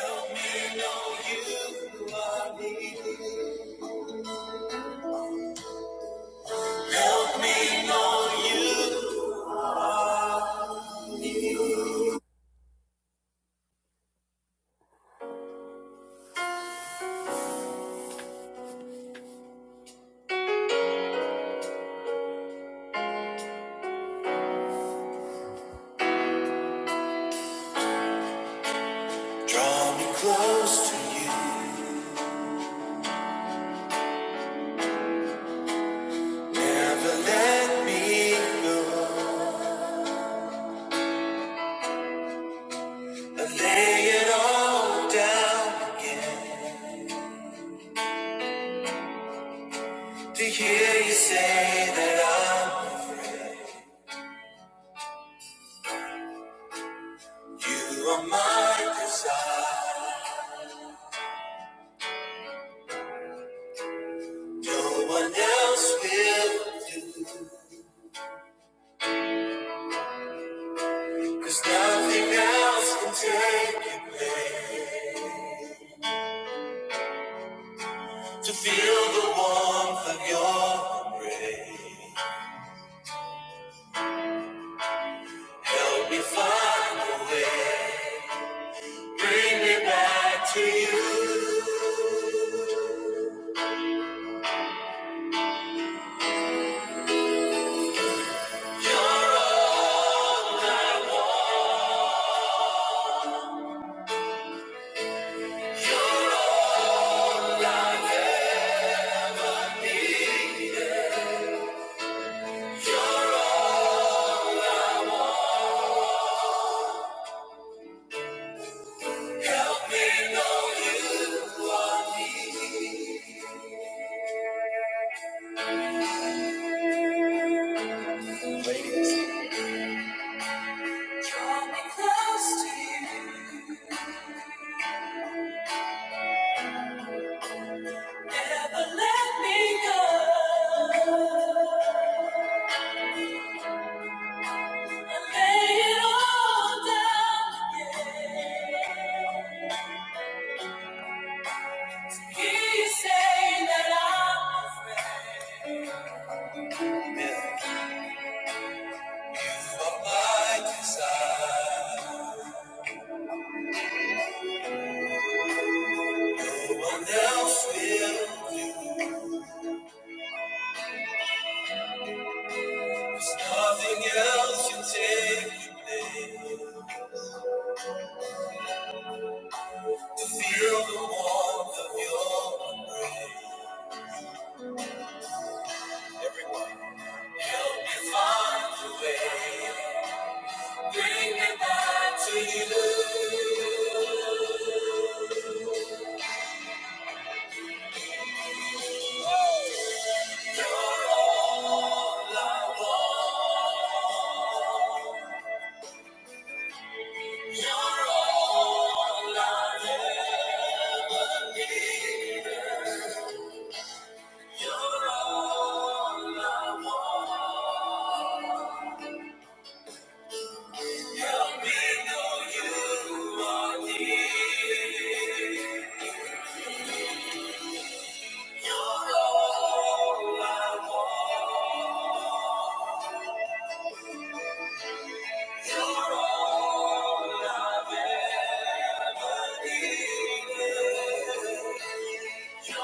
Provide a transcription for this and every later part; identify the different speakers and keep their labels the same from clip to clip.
Speaker 1: Help me know you are real. Help me know you. are. Draw me close to you. Never let me go. Lay it all down again. To hear you say that I'm. You are my desire. No one else will. Cause nothing else can take you away. To feel the warmth of your embrace, help me find a way. Bring me back to you. You're all I want. You're all I've ever needed. You're all I want. Help me know you are me. draw me close to you. Nothing else can take your place. To feel the warmth of your embrace. Everyone, help me find a way. Bring me back to you. You're all I want. You're all I ever needed. You're all I want. Help me know you are near. You're all I want. You're all I needed. Help me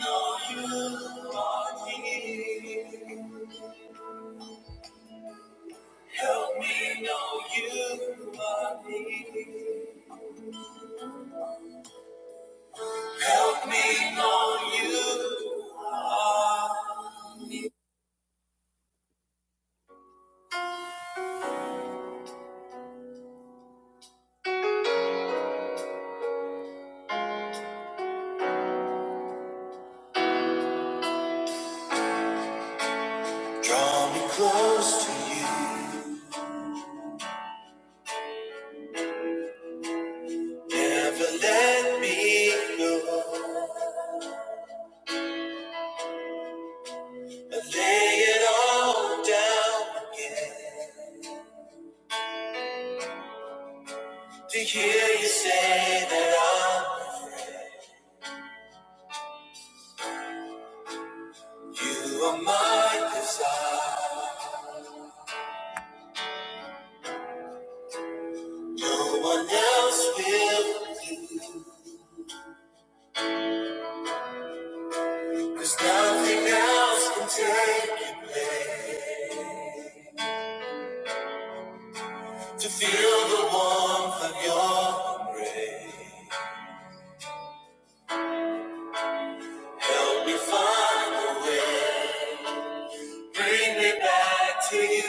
Speaker 1: know you are here. Help me know you are here. Help me know you are. Draw me close to you. Never let me go. I lay it all down again. To hear you say that I'm. You are my desire. No one else will. Cause nothing else can take your place. To feel the warmth of your embrace. Help me find a way. Bring me back to you.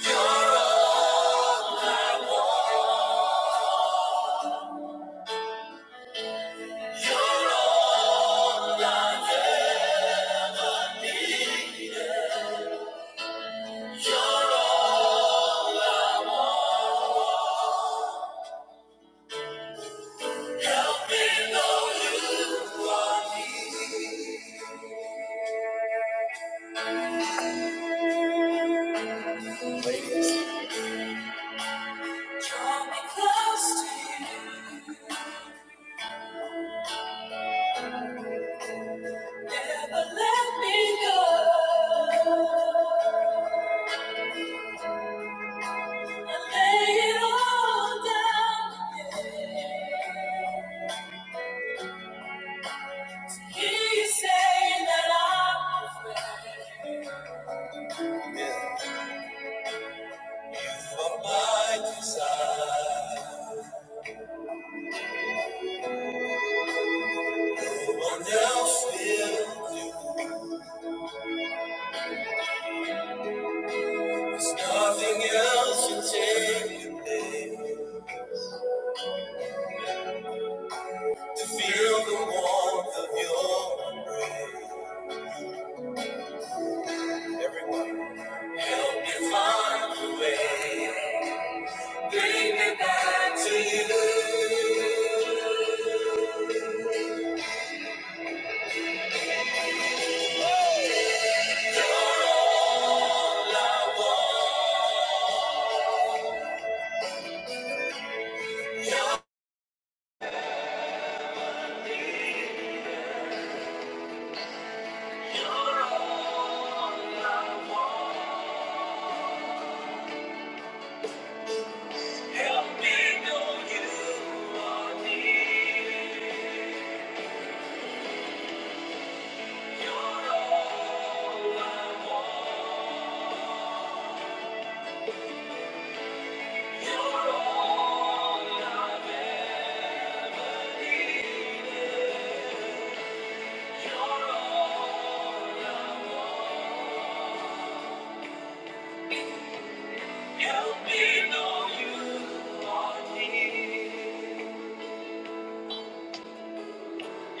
Speaker 1: You're all I want. You're all I ever needed. You're all I want. Help me know you are needed. Draw me close to you. Never let me go. And lay it all down. Hear you saying that I'm. You are my desire. No one else will do. There's nothing else you take away to feel the warmth of your embrace. Everyone, help me find a way. Bring me back to you. All I want, we know you. are. Help me know you are near.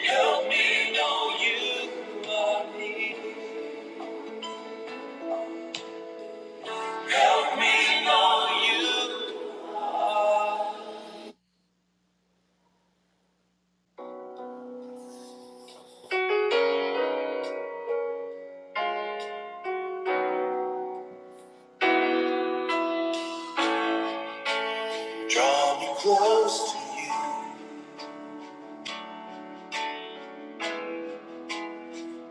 Speaker 1: Help me know you are near. Draw me close to you.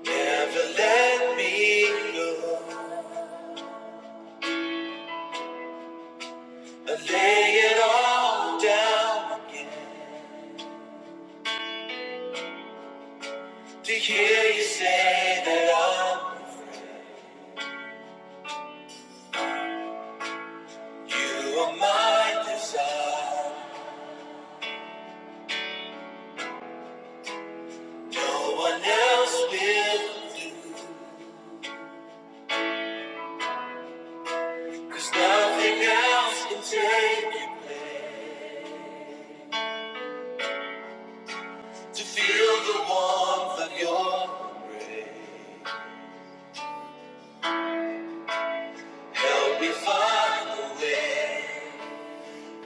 Speaker 1: Never let me go. I lay it all down again to hear you say that I'm. You are my desire. No one else will do. 'Cause nothing else can take you to feel the warmth of your embrace. Help me find a way.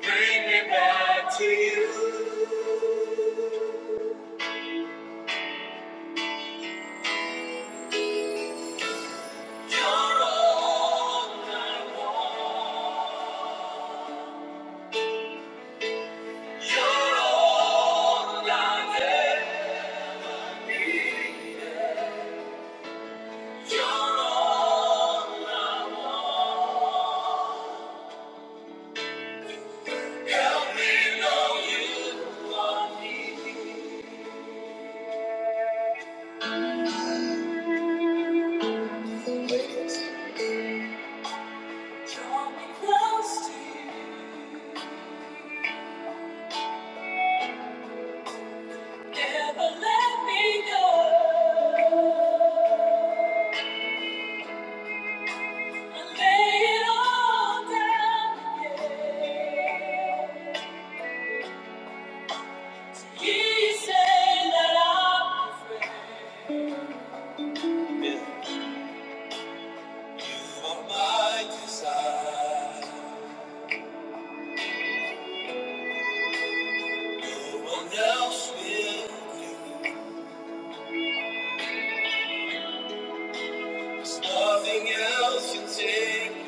Speaker 1: Bring me back to you. You're all. You're all I need. You're all I want Oh, you. Ladies. Draw me close to you. Never let me go. I lay it all down, again. So you say that I'm afraid. Yeah. You are my desire. No one else will do. There's nothing else can take your place.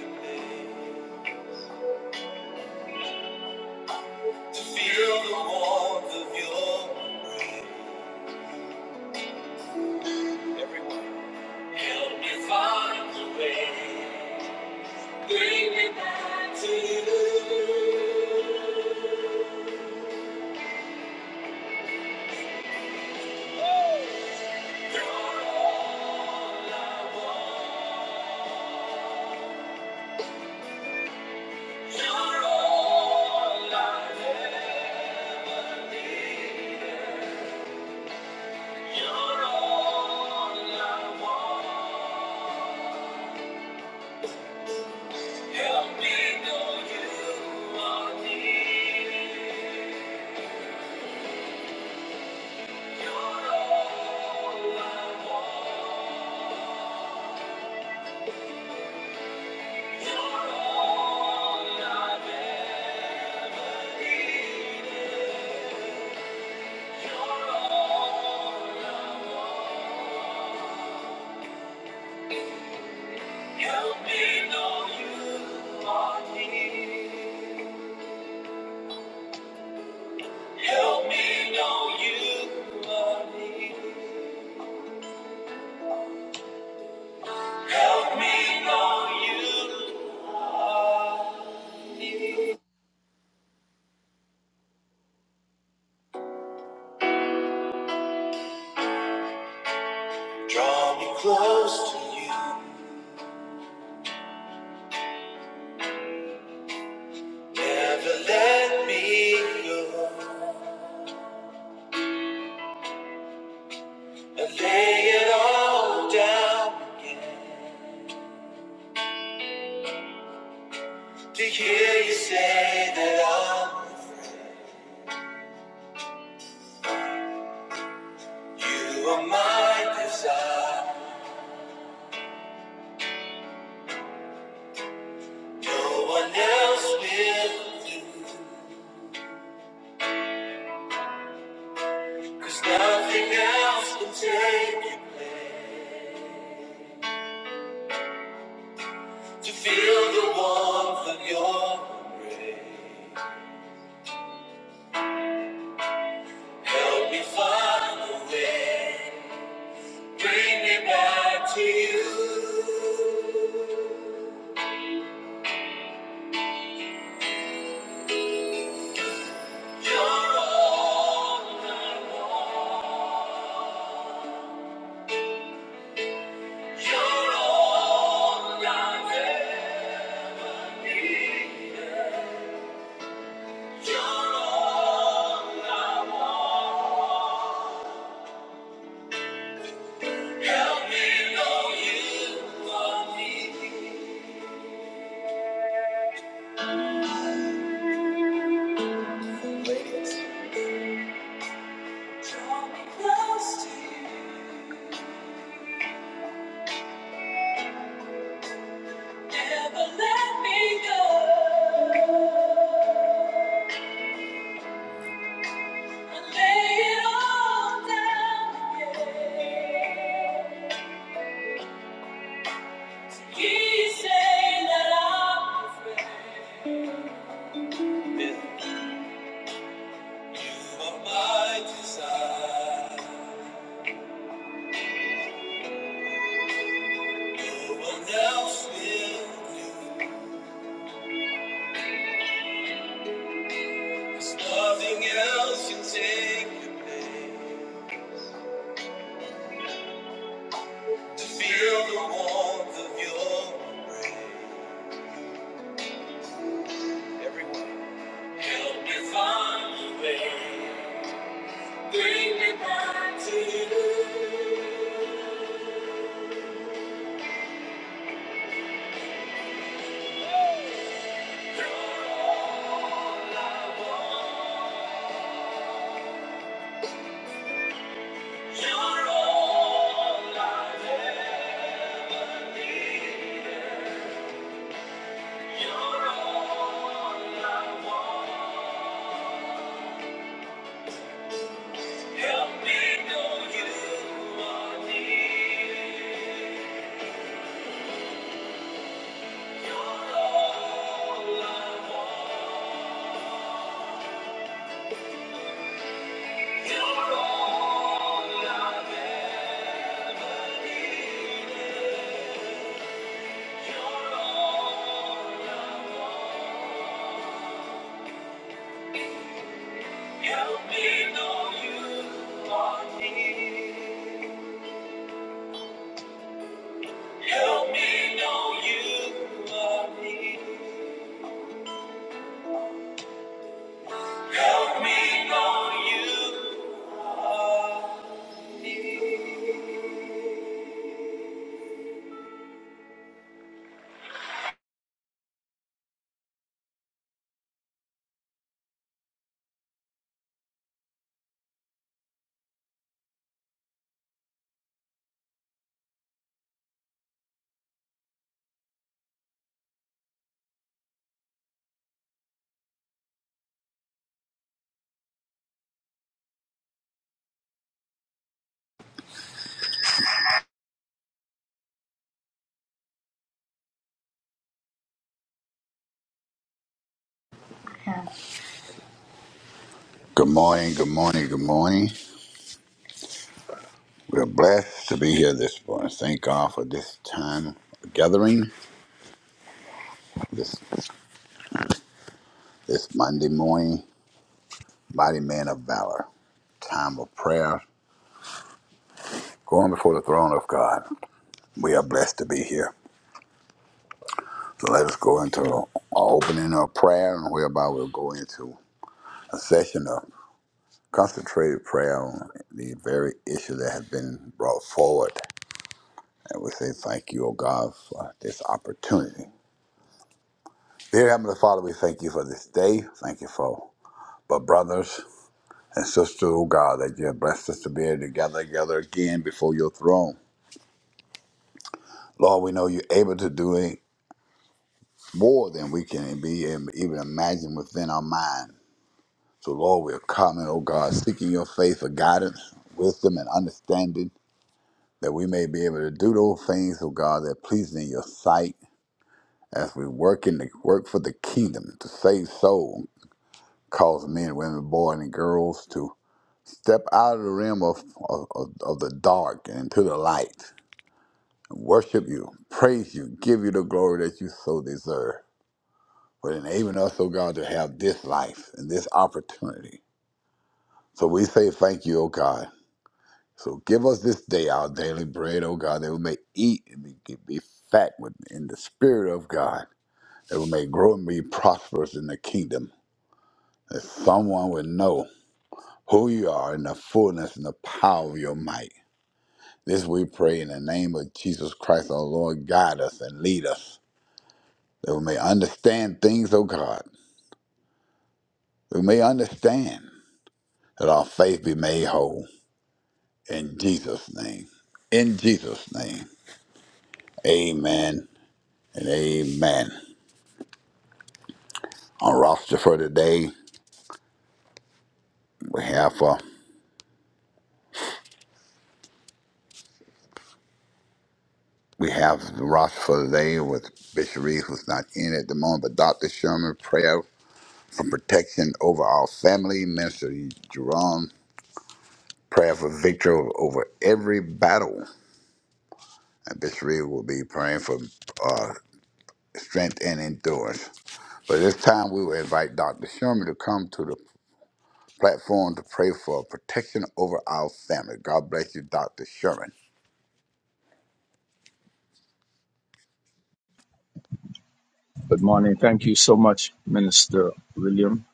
Speaker 1: To feel the warmth of your divine embrace. Bring me back to you. You're all You're all I have ever needed. You're all I want. Help me know you are needed. You're all I want. You're all I've ever needed. Help me know you are near. Help me know you are near. Help me know you are near. Draw me close to you. Never let me go. And lay it all down again. To hear you say that I'm, you are my desire. No one else will do, 'cause nothing else can take you to feel the warmth of your help me find a way. Bring me back to you. You're, you're all i need. You're all i need. Ladies. Draw me close to you. Never let me go. And lay it all down again. He's saying that I'm his man. Yeah. You are my desire. No one else will do. nothing else can take your place. To feel the warmth of your embrace. Help me find the way. Bring me back to you. You're all I have. Help me know you are near. Help me know you are near. Help me know you are near.
Speaker 2: Good morning, good morning, good morning. We're blessed to be here this morning. Thank God for this time of gathering, this this Monday morning, mighty man of valor, time of prayer, going before the throne of God. We are blessed to be here. So let us go into our opening of prayer, and whereby we'll go into a session of concentrated prayer on the very issue that has been brought forward. And we say thank you, O God, for this opportunity Dear Heavenly Father, we thank you for this day. Thank you for my brothers and sisters, oh God, that you have blessed us to be able to gather together again before your throne. Lord, we know you're able to do it more than we can be and even imagine within our mind. So, Lord, we're coming, oh God, seeking your faith for guidance, wisdom, and understanding that we may be able to do those things, oh God, that please in your sight as we work in the work for the kingdom to save souls, cause men, women, boys, and girls to Step out of the realm of, of, of of the dark and into the light. Worship you, praise you, give you the glory that you so deserve. For enabling us, oh God, to have this life and this opportunity. So we say thank you, oh God. So give us this day our daily bread, oh God, that we may eat and be, be fat with in the spirit of God, that we may grow and be prosperous in the kingdom, that someone would know who you are in the fullness and the power of your might. This we pray in the name of Jesus Christ, our Lord, guide us and lead us, that we may understand things, O God. We may understand that our faith be made whole. In Jesus' name. In Jesus' name. Amen and amen. Our roster for today, we have uh, we have the roster for today with Bishop Reeves who's not in at the moment, but Dr. Sherman prayer for protection over our family, Minister Jerome Prayer for victory over every battle. And this read will be praying for uh, strength and endurance. But this time we will invite Dr. Sherman to come to the platform to pray for protection over our family. God bless you, Dr. Sherman.
Speaker 3: Good morning. Thank you so much, Minister William.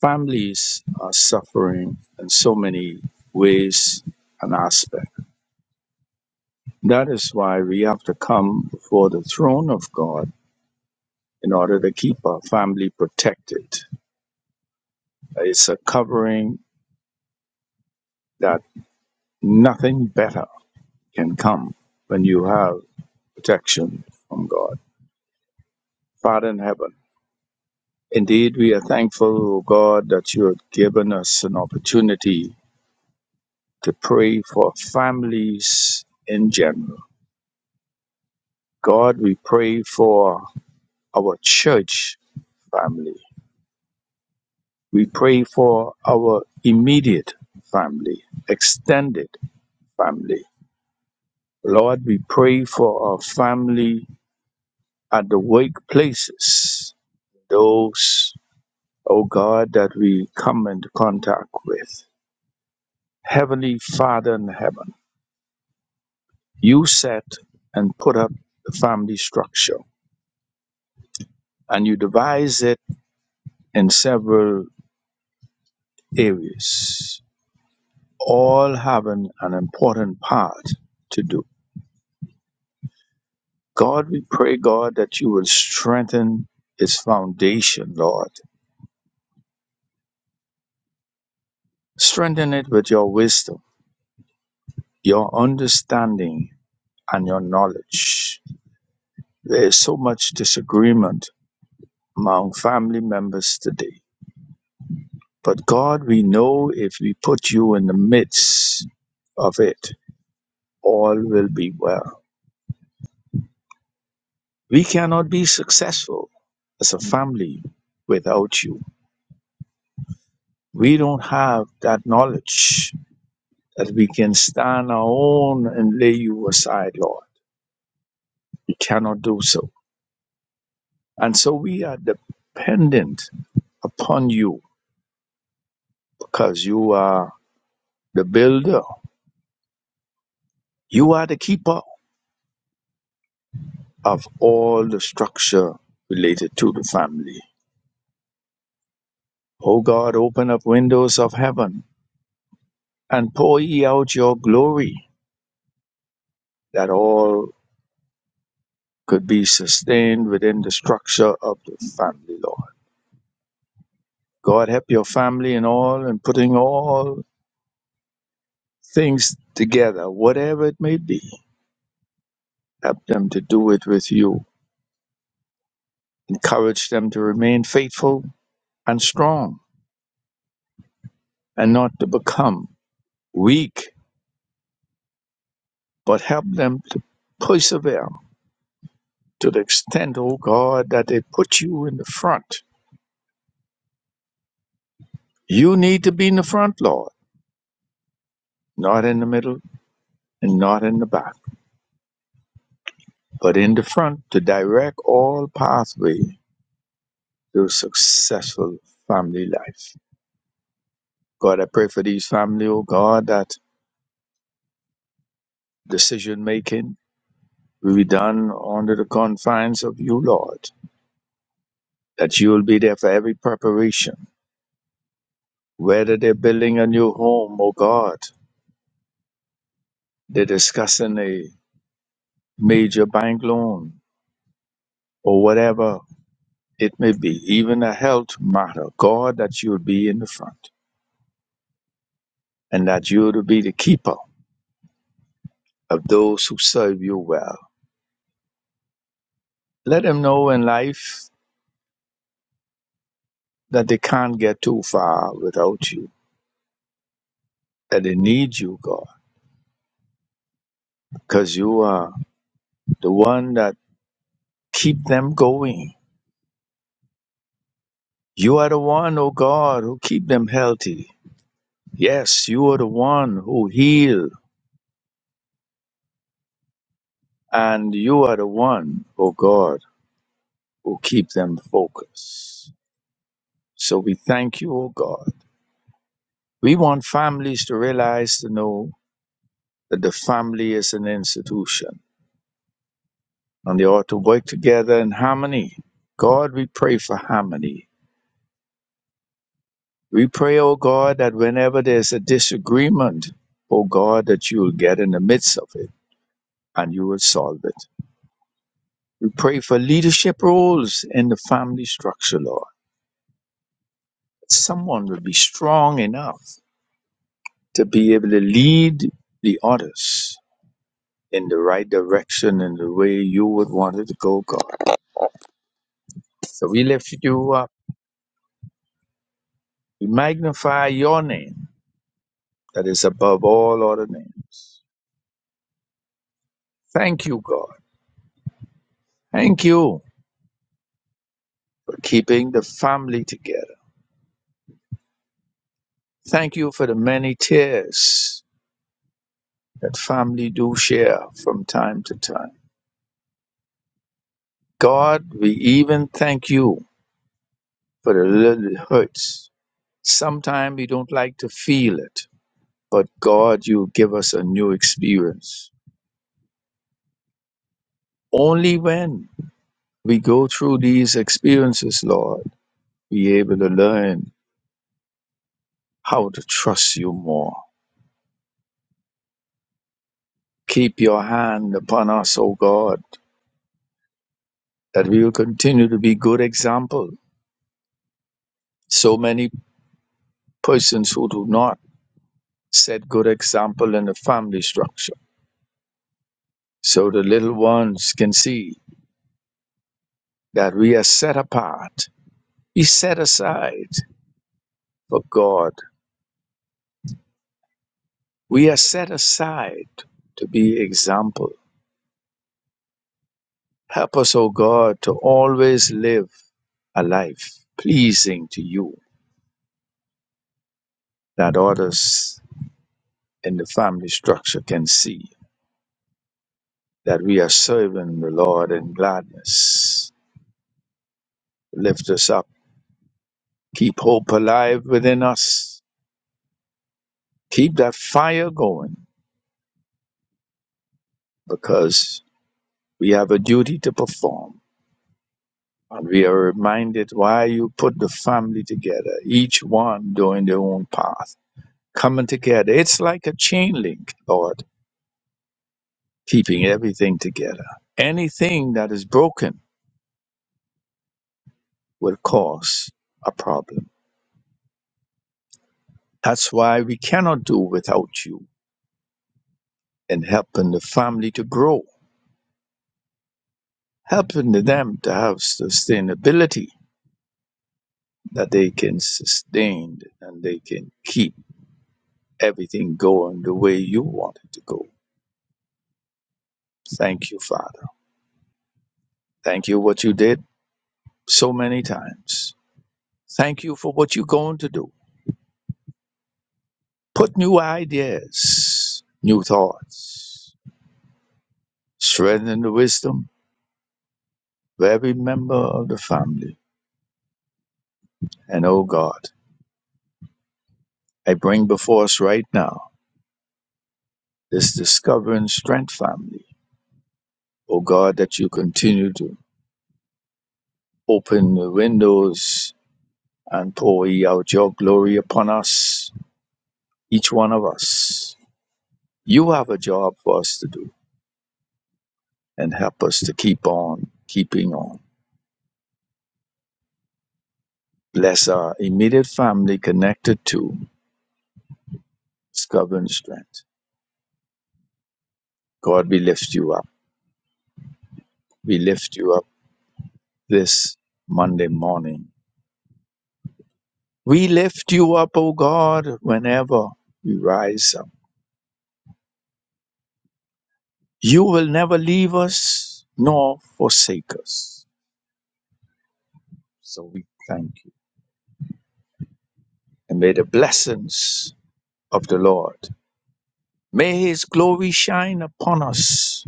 Speaker 3: Families are suffering in so many ways and aspects. That is why we have to come before the throne of God in order to keep our family protected. It's a covering that nothing better can come when you have protection from God. Father in heaven, indeed we are thankful, O God, that you have given us an opportunity to pray for families in general. God, we pray for our church family. We pray for our immediate family, extended family. Lord, we pray for our family at the workplaces, those, oh God, that we come into contact with. Heavenly Father in heaven, you set and put up the family structure and you devise it in several areas, all having an important part to do. God, we pray, God, that you will strengthen its foundation, Lord. Strengthen it with your wisdom, your understanding, and your knowledge. There is so much disagreement among family members today. But God, we know if we put you in the midst of it, all will be well. We cannot be successful as a family without you. We don't have that knowledge that we can stand our own and lay you aside, Lord. We cannot do so. And so we are dependent upon you because you are the builder, you are the keeper of all the structure related to the family. O God, open up windows of heaven and pour ye out your glory that all could be sustained within the structure of the family, Lord. God, help your family in all and putting all things together, whatever it may be. Help them to do it with you. Encourage them to remain faithful and strong and not to become weak, but help them to persevere to the extent, oh God, that they put you in the front. You need to be in the front, Lord, not in the middle and not in the back. but in the front to direct all pathway to successful family life. God, I pray for these family, oh God, that decision making will be done under the confines of you, Lord, that you will be there for every preparation. Whether they're building a new home, oh God, they're discussing a major bank loan or whatever it may be, even a health matter, God, that you would be in the front and that you would be the keeper of those who serve you well. Let them know in life that they can't get too far without you, that they need you, God, because you are the one that keep them going. You are the one, oh God, who keep them healthy. Yes, you are the one who heal, and you are the one, oh God, who keep them focused. So we thank you, oh God. We want families to realize to know that the family is an institution and they ought to work together in harmony. God, we pray for harmony. We pray, O God, that whenever there's a disagreement, O God, that you will get in the midst of it and you will solve it. We pray for leadership roles in the family structure, Lord. Someone will be strong enough to be able to lead the others in the right direction in the way you would want it to go, God. So we lift you up. We magnify your name that is above all other names. Thank you, God. Thank you for keeping the family together. Thank you for the many tears that family do share from time to time. God, we even thank you for the little hurts. Sometimes we don't like to feel it, but God, you give us a new experience. Only when we go through these experiences, Lord, we able to learn how to trust you more Keep your hand upon us, O God, that we will continue to be good example. So many persons who do not set good example in the family structure. So the little ones can see that we are set apart. We set aside for God. We are set aside to be example. Help us, O God, to always live a life pleasing to you that others in the family structure can see. that we are serving the Lord in gladness. Lift us up. Keep hope alive within us. Keep that fire going because we have a duty to perform. And we are reminded why you put the family together, each one doing their own path, coming together. It's like a chain link, Lord, keeping everything together. Anything that is broken will cause a problem. That's why we cannot do without you. and helping the family to grow, helping them to have sustainability that they can sustain and they can keep everything going the way you want it to go. Thank you, Father. Thank you what you did so many times. Thank you for what you're going to do. Put new ideas, new thoughts, strengthen the wisdom of every member of the family. And oh God, I bring before us right now this discovering strength family O God, that you continue to open the windows and pour ye out your glory upon us, each one of us. You have a job for us to do and help us to keep on keeping on. Bless our immediate family connected to Discover and Strength. God, we lift you up. We lift you up this Monday morning. We lift you up, O God, whenever we rise up. You will never leave us nor forsake us. So we thank you. And may the blessings of the Lord, may his glory shine upon us,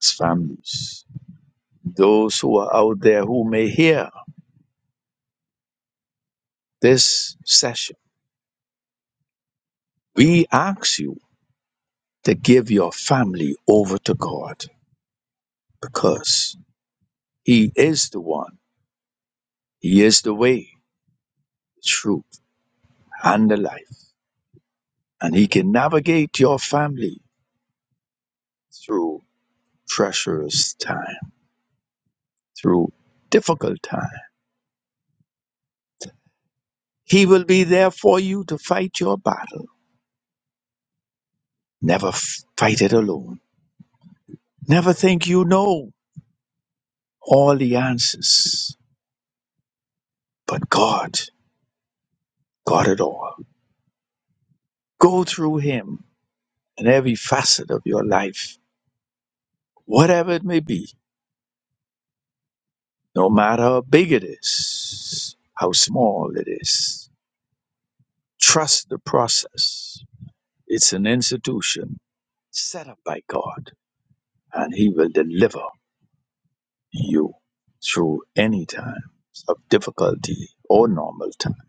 Speaker 3: his families, those who are out there who may hear this session. We ask you to give your family over to God because he is the one, he is the way, the truth, and the life. And he can navigate your family through treacherous time, through difficult time He will be there for you to fight your battle. Never f- fight it alone. Never think you know all the answers, but God got it all. Go through Him in every facet of your life, whatever it may be, no matter how big it is, how small it is. Trust the process. It's an institution set up by God, and He will deliver you through any times of difficulty or normal time.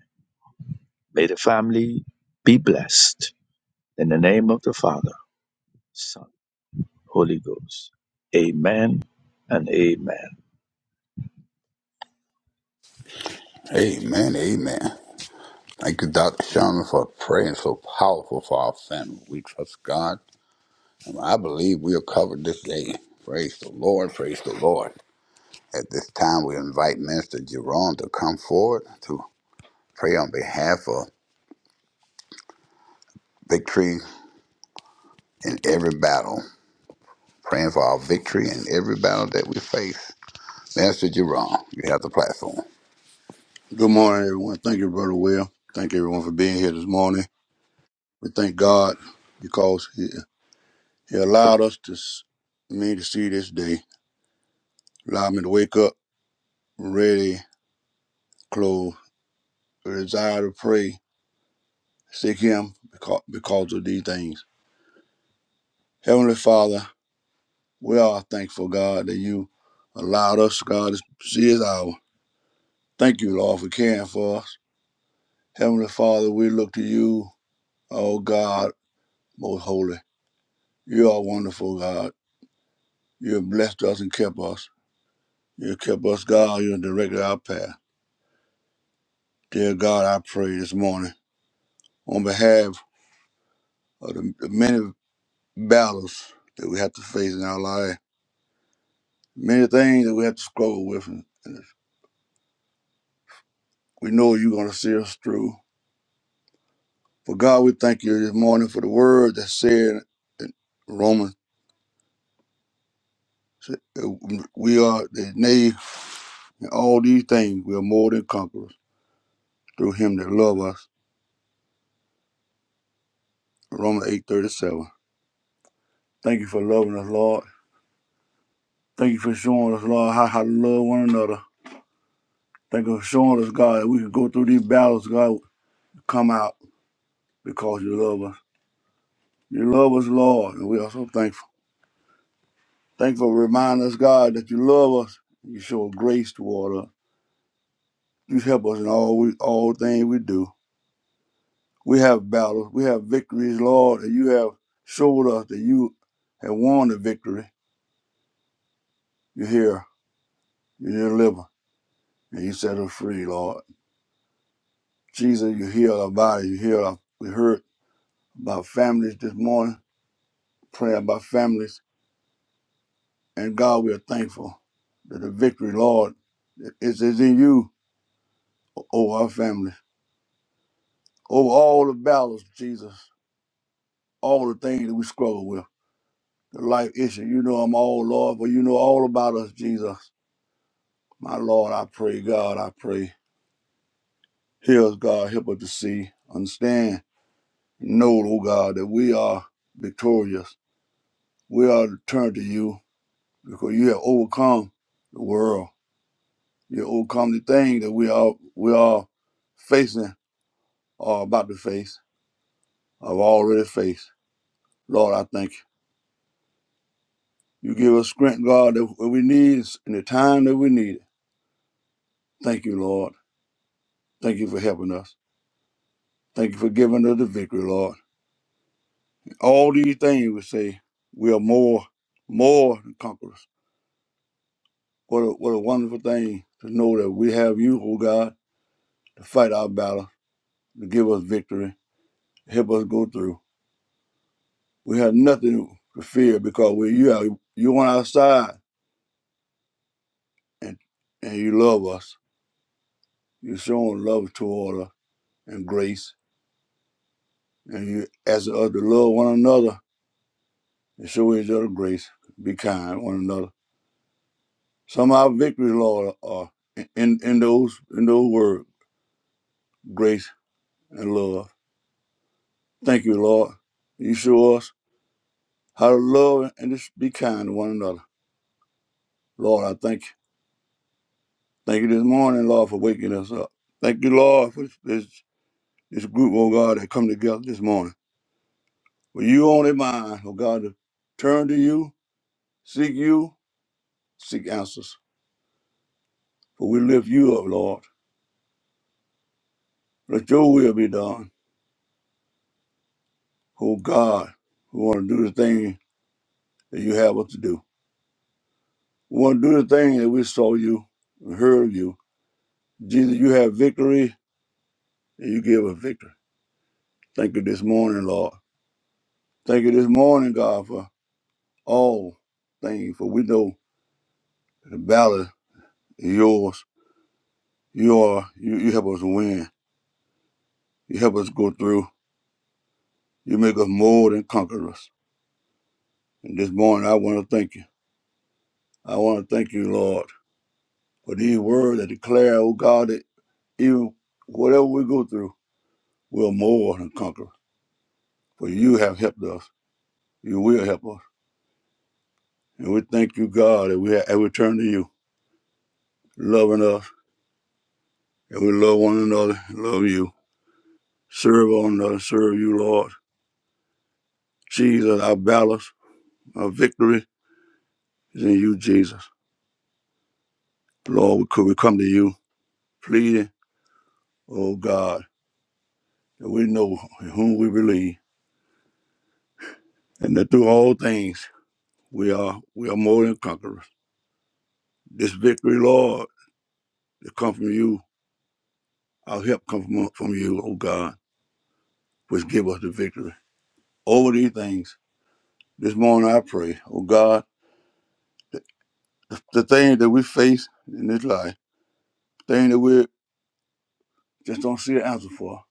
Speaker 3: May the family be blessed in the name of the Father, Son, Holy Ghost. Amen and amen.
Speaker 2: Amen. Amen. Thank you, Dr. Sherman, for praying so powerful for our family. We trust God. And I believe we are covered this day. Praise the Lord. Praise the Lord. At this time, we invite Minister Jerome to come forward. to. Pray on behalf of victory in every battle. Praying for our victory in every battle that we face. Master Jerome, you have the platform.
Speaker 4: Good morning, everyone. Thank you, Brother Will. Thank everyone for being here this morning. We thank God because He, he allowed us to s- me to see this day, allowed me to wake up ready, clothed, with a desire to pray, seek Him because, because of these things. Heavenly Father, we are thankful, God, that you allowed us, God, to see His hour. Thank you, Lord, for caring for us. Heavenly Father, we look to you, oh God, most holy. You are wonderful, God. You have blessed us and kept us. You have kept us, God. You have directed our path. Dear God, I pray this morning on behalf of the, the many battles that we have to face in our life, many things that we have to struggle with. And, and we know you're going to see us through. For God, we thank you this morning for the word that said in Romans, said, uh, we are, that nay, in all these things, we are more than conquerors through him that love us. Romans 8.37. Thank you for loving us, Lord. Thank you for showing us, Lord, how, how to love one another. Thank you for showing us, God, that we can go through these battles, God, come out because you love us. You love us, Lord, and we are so thankful. Thank you for reminding us, God, that you love us. You show grace toward us. You help us in all we, all things we do. We have battles, we have victories, Lord, that you have showed us that you have won the victory. You hear, you deliver, and you set us free, Lord. Jesus, you heal our body, you heal our we heard. about families this morning, prayer about families. And God, we are thankful that the victory, Lord, is, is in you over our families, over all the battles, Jesus, all the things that we struggle with, the life issue. You know them all, Lord, but you know all about us, Jesus. My Lord, I pray, God, I pray. Hear us, God, help us to see, understand, know, oh God, that we are victorious. We are turned to you because you have overcome the world. you overcome the thing that we are we are facing or about to face or have already faced. Lord, I thank you. You give us strength, God, that what we need is in the time that we need it. Thank you, Lord. Thank you for helping us. Thank you for giving us the victory, Lord. All these things we say, we are more, more than conquerors. What a, what a wonderful thing to know that we have you, oh God, to fight our battle, to give us victory, help us go through. We have nothing to fear because when you are you on our side and and you love us, you're showing love toward us and grace, and you asking us to love one another and show each other grace, be kind to one another. Some of our victories, Lord, are in in those in those words, grace and love. Thank you, Lord. You show us how to love and just be kind to one another. Lord, I thank you. Thank you this morning, Lord, for waking us up. Thank you, Lord, for this. this group, oh God, that come together this morning. With you on their mind, oh God, to turn to you, seek you, seek answers. For we lift you up, Lord. Let your will be done. Oh God, we want to do the thing that you have us to do. We want to do the thing that we saw you and heard of you. Jesus, you have victory and you give us victory. Thank you this morning, Lord. Thank you this morning, God, for all things. For we know the battle is yours. You are you, you help us win. You help us go through. You make us more than conquerors. And this morning, I want to thank you. I want to thank you, Lord, for these words that declare, oh God, that even whatever we go through, we're more than conquerors. For you have helped us. You will help us. And we thank you, God, that we have that we turn to you, loving us, and we love one another, love you, serve one another, serve you, Lord. Jesus, our balance, our victory is in you, Jesus. Lord, we could we come to you pleading, oh God. that we know in whom we believe, and that through all things we are we are more than conquerors. This victory, Lord, that come from you, our help come from, from you, O God, which give us the victory over these things. This morning I pray, O God, that the, the things that we face in this life, things that we just don't see an answer for,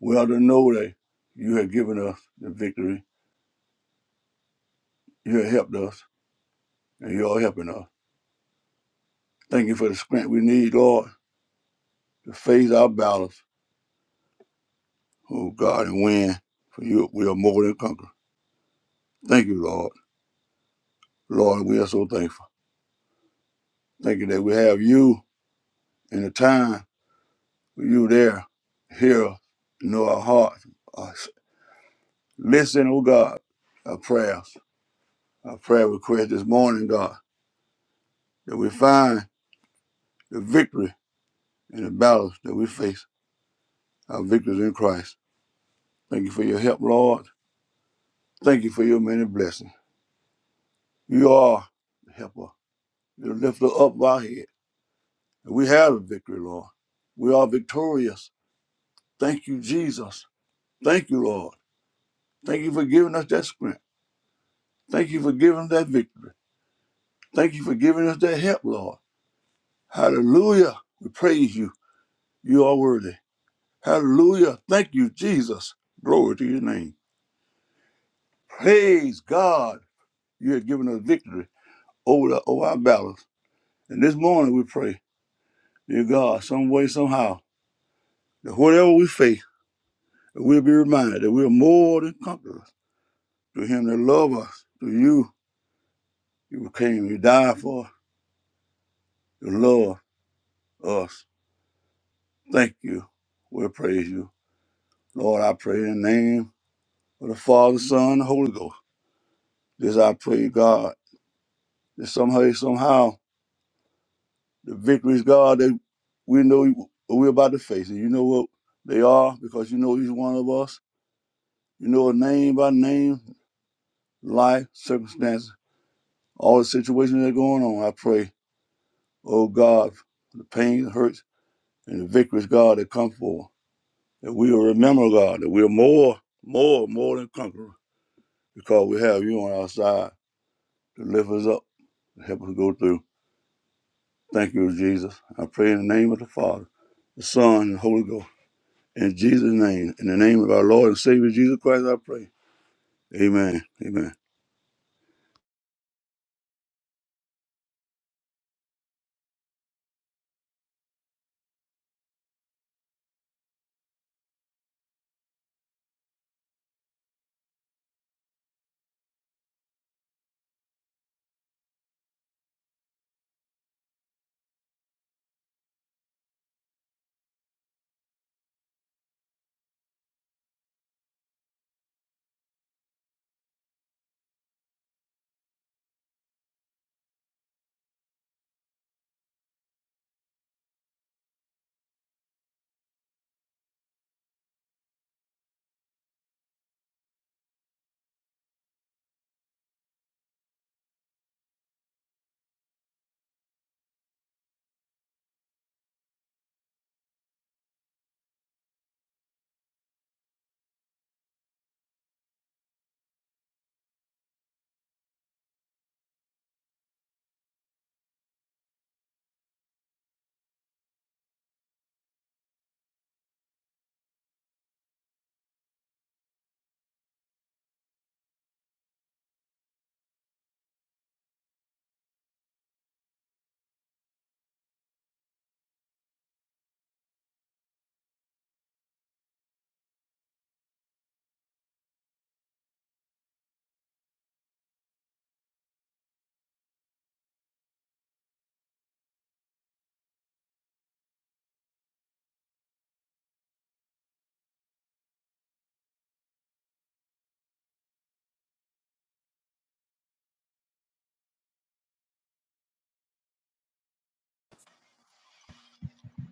Speaker 4: we ought to know that you have given us the victory, you have helped us, and you are helping us. Thank you for the strength we need, Lord, to face our battles Oh God, and win. For you, we are more than conquerors. Thank you, Lord. Lord, we are so thankful. Thank you that we have you in the time with you there, here, know our hearts. Our Listen, oh God, our prayers, our prayer request this morning, God, that we find the victory in the battles that we face, our victories in Christ. Thank you for your help, Lord. Thank you for your many blessings. You are the helper. You lift up our head. We have a victory, Lord. We are victorious. Thank you, Jesus. Thank you, Lord. Thank you for giving us that strength. Thank you for giving us that victory. Thank you for giving us that help, Lord. Hallelujah. We praise you. You are worthy. Hallelujah. Thank you, Jesus. Glory to your name. Praise God. You have given us victory over, the, over our battles. And this morning we pray, dear God, some way, somehow, that whatever we face, that we'll be reminded that we're more than conquerors to him that love us, to you, you came, you died for us, you love us. Thank you. We praise you. Lord, I pray in the name of the Father, Son, and Holy Ghost. This I pray, God, that somehow, somehow, the victories, God, that we know we're about to face. And you know what they are because you know each one of us. You know it name by name, life, circumstances, all the situations that are going on. I pray, oh God, for the pain, hurts, and the victories, God, that come forth. that we will remember, God, that we're more, more, more than conquerors because we have you on our side to lift us up, to help us go through. Thank you, Jesus. I pray in the name of the Father, the Son, and the Holy Ghost. In Jesus' name, in the name of our Lord and Savior Jesus Christ, I pray. Amen. Amen.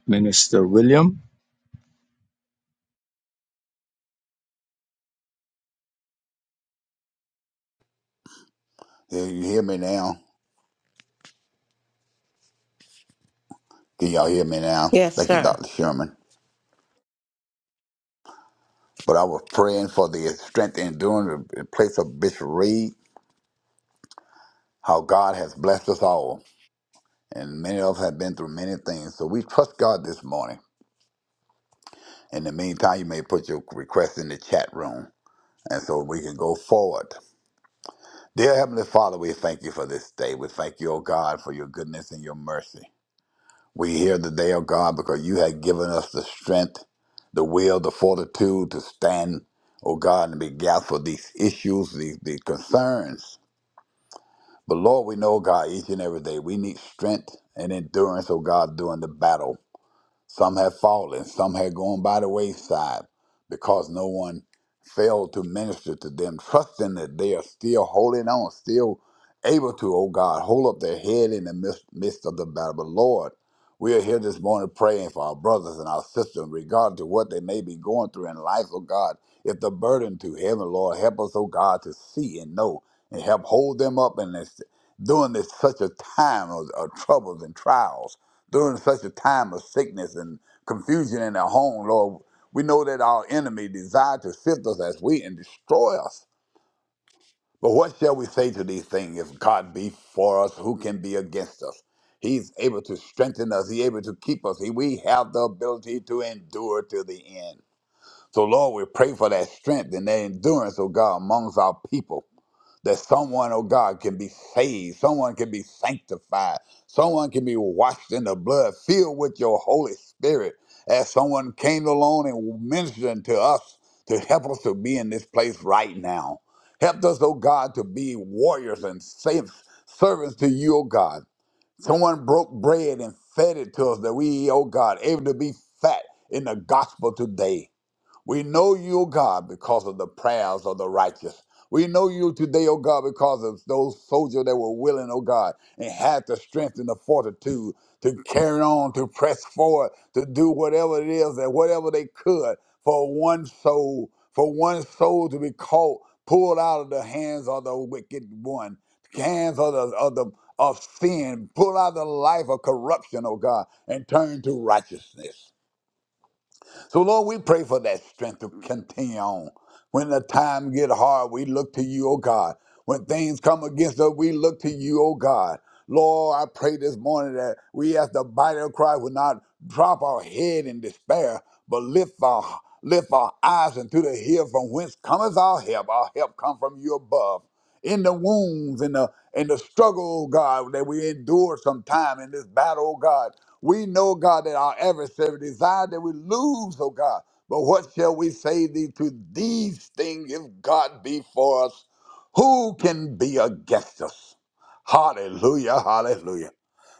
Speaker 3: Minister William,
Speaker 2: Yeah, you hear me now? Can y'all hear me now?
Speaker 5: Yes,
Speaker 2: Thank you,
Speaker 5: sir.
Speaker 2: Dr. Sherman. But I was praying for the strength and enduring the place of Bishop Reed, how God has blessed us all. And many of us have been through many things. So we trust God this morning. In the meantime, you may put your request in the chat room. And so we can go forward Dear Heavenly Father, we thank you for this day. We thank you, O God, for your goodness and your mercy. We hear the day, O God, because you have given us the strength, the will, the fortitude to stand, O God, and be gathered for these issues, these, these concerns. But Lord, we know, God, each and every day we need strength and endurance, O God, during the battle. Some had fallen, some had gone by the wayside because no one failed to minister to them, trusting that they are still holding on, still able to, oh God, hold up their head in the midst, midst of the battle. But Lord, we are here this morning praying for our brothers and our sisters, regardless to what they may be going through in life, oh God. If the burden to heaven, Lord, help us, oh God, to see and know and help hold them up in this during this such a time of, of troubles and trials during such a time of sickness and confusion in our home, Lord, we know that our enemy desire to sift us as wheat and destroy us. But what shall we say to these things? If God be for us, who can be against us? He's able to strengthen us. He's able to keep us. He- We have the ability to endure to the end. So, Lord, we pray for that strength and that endurance, oh God, amongst our people that someone, oh God, can be saved, someone can be sanctified, someone can be washed in the blood, filled with your Holy Spirit, as someone came along and ministered to us to help us to be in this place right now. Help us, oh God, to be warriors and saints, servants to you, oh God. Someone broke bread and fed it to us that we, oh God, able to be fat in the gospel today. We know you, O God, because of the prayers of the righteous. We know you today, O God, because of those soldiers that were willing, O God, and had the strength and the fortitude to carry on, to press forward, to do whatever it is that whatever they could for one soul, for one soul to be caught, pulled out of the hands of the wicked one, hands of the of the of sin, pull out of the life of corruption, O God, and turn to righteousness. So Lord, we pray for that strength to continue on. When the time get hard, we look to you, oh God. When things come against us, we look to you, oh God. Lord, I pray this morning that we as the body of Christ will not drop our head in despair, but lift our lift our eyes into the hill from whence cometh our help. Our help come from you above. In the wounds in the in the struggle, oh God, that we endure sometime in this battle, oh God. We know, God, that our adversary desire that we lose, oh God. But what shall we say thee to these things if God be for us? Who can be against us? Hallelujah, hallelujah.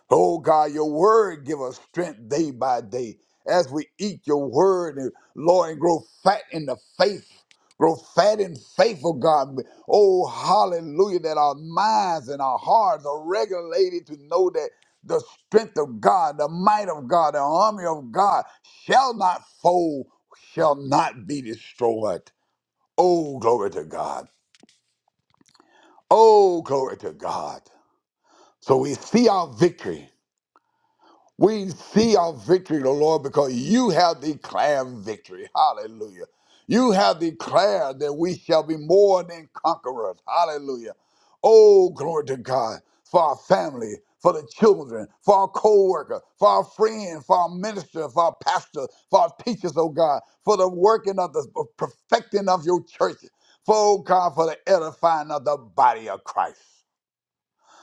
Speaker 2: Oh God, your word give us strength day by day as we eat your word and Lord and grow fat in the faith. Grow fat in faith, oh God. Oh, hallelujah, that our minds and our hearts are regulated to know that the strength of God, the might of God, the army of God shall not fold, shall not be destroyed. Oh, glory to God. Oh, glory to God. So we see our victory We see our victory, O Lord, because you have declared victory. Hallelujah. You have declared that we shall be more than conquerors. Hallelujah. Oh, glory to God for our family, for the children, for our co worker, for our friend, for our minister, for our pastor, for our teachers, oh God, for the working of the perfecting of your church, for, oh God, for the edifying of the body of Christ.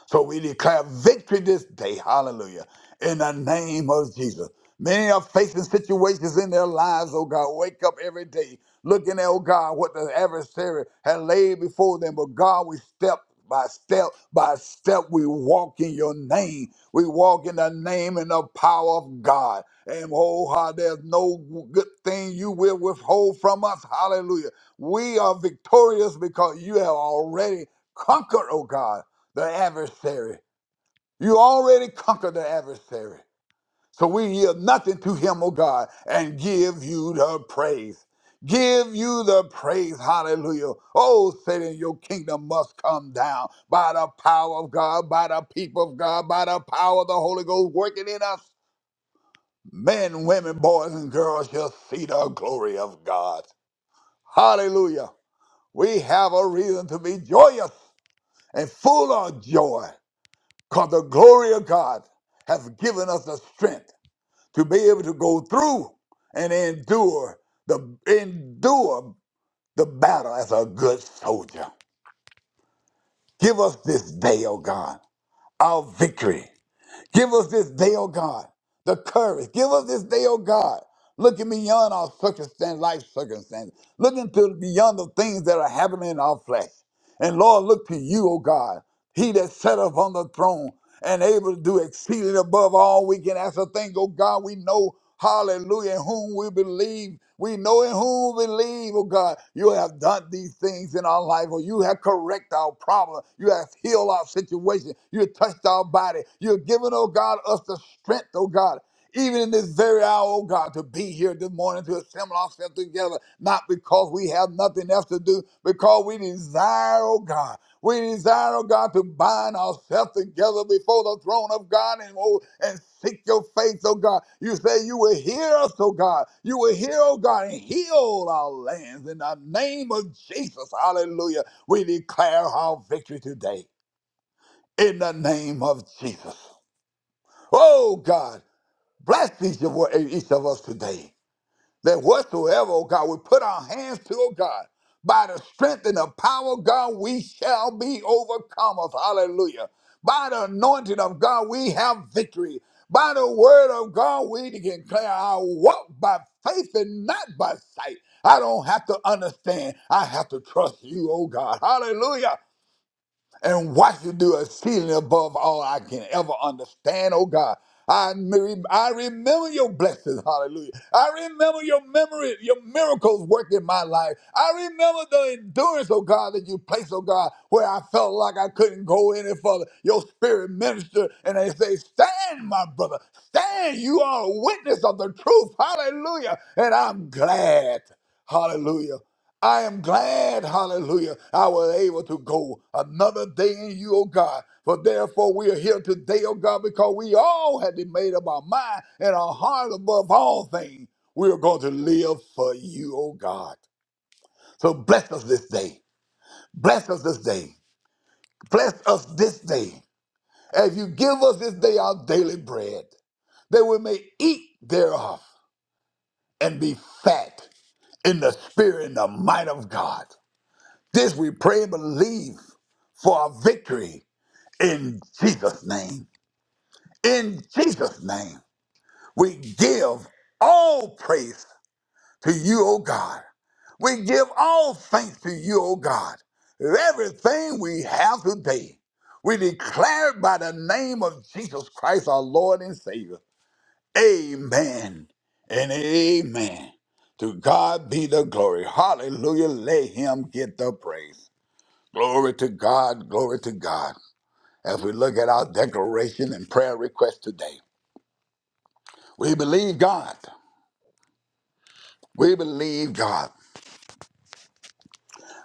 Speaker 2: So we declare victory this day. Hallelujah. In the name of Jesus. Many are facing situations in their lives, oh God. Wake up every day looking at, oh God, what the adversary had laid before them. But God, we step by step by step, we walk in your name. We walk in the name and the power of God. And oh, how there's no good thing you will withhold from us. Hallelujah. We are victorious because you have already conquered, oh God the adversary. You already conquered the adversary. So we yield nothing to him, oh God, and give you the praise. Give you the praise. Hallelujah. Oh, Satan, your kingdom must come down by the power of God, by the people of God, by the power of the Holy Ghost working in us. Men, women, boys, and girls shall see the glory of God. Hallelujah. We have a reason to be joyous and full of joy because the glory of God has given us the strength to be able to go through and endure the endure the battle as a good soldier. Give us this day, O God, our victory. Give us this day, O God, the courage. Give us this day, O God. Looking beyond our circumstance, life circumstances, looking to beyond the things that are happening in our flesh. And Lord, look to you, O God he that sat upon the throne and able to do exceeding above all we can ask a thing. Oh God, we know, hallelujah, in whom we believe. We know in whom we believe, oh God, you have done these things in our life, or you have corrected our problem. You have healed our situation. You have touched our body. You have given, oh God, us the strength, oh God, even in this very hour, oh God, to be here this morning to assemble ourselves together, not because we have nothing else to do, because we desire, oh God. We desire, oh God, to bind ourselves together before the throne of God and, oh, and seek your face, oh God. You say you will hear us, oh God. You will hear, oh God, and heal our lands in the name of Jesus. Hallelujah. We declare our victory today in the name of Jesus. Oh God, bless each of, each of us today that whatsoever, oh God, we put our hands to, oh God, by the strength and the power of God, we shall be overcomers. Hallelujah. By the anointing of God, we have victory. By the word of God, we can declare our walk by faith and not by sight. I don't have to understand. I have to trust you, oh God. Hallelujah and watch you do exceeding above all I can ever understand, oh God. I, me- I remember your blessings, hallelujah. I remember your memory, your miracles work in my life. I remember the endurance, oh God, that you placed, oh God, where I felt like I couldn't go any further. Your spirit ministered, and they say, Stand, my brother, stand. You are a witness of the truth, hallelujah. And I'm glad, hallelujah. I am glad, hallelujah, I was able to go another day in you, oh God. For therefore we are here today, oh God, because we all had been made up our mind and our heart above all things. We are going to live for you, oh God. So bless us this day. Bless us this day. Bless us this day. As you give us this day our daily bread, that we may eat thereof and be fat in the spirit and the might of God. This we pray and believe for our victory in Jesus' name. In Jesus' name, we give all praise to you, O God. We give all thanks to you, O God. Everything we have today, we declare it by the name of Jesus Christ, our Lord and Savior. Amen and amen. To God be the glory. Hallelujah. Let him get the praise. Glory to God, glory to God. As we look at our declaration and prayer request today, we believe God. We believe God.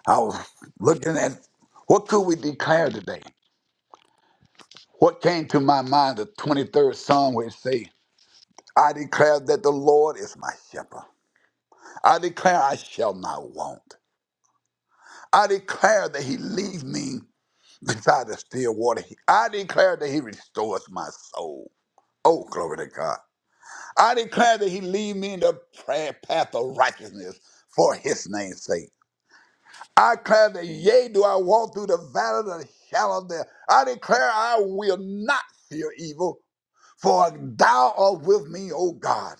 Speaker 2: I was looking at what could we declare today? What came to my mind, the 23rd Psalm, where it says, I declare that the Lord is my shepherd. I declare I shall not want. I declare that he leads me beside the still water. I declare that he restores my soul. Oh, glory to God. I declare that he lead me in the prayer path of righteousness for his name's sake. I declare that, yea, do I walk through the valley of the shadow of death. I declare I will not fear evil, for thou art with me, O God.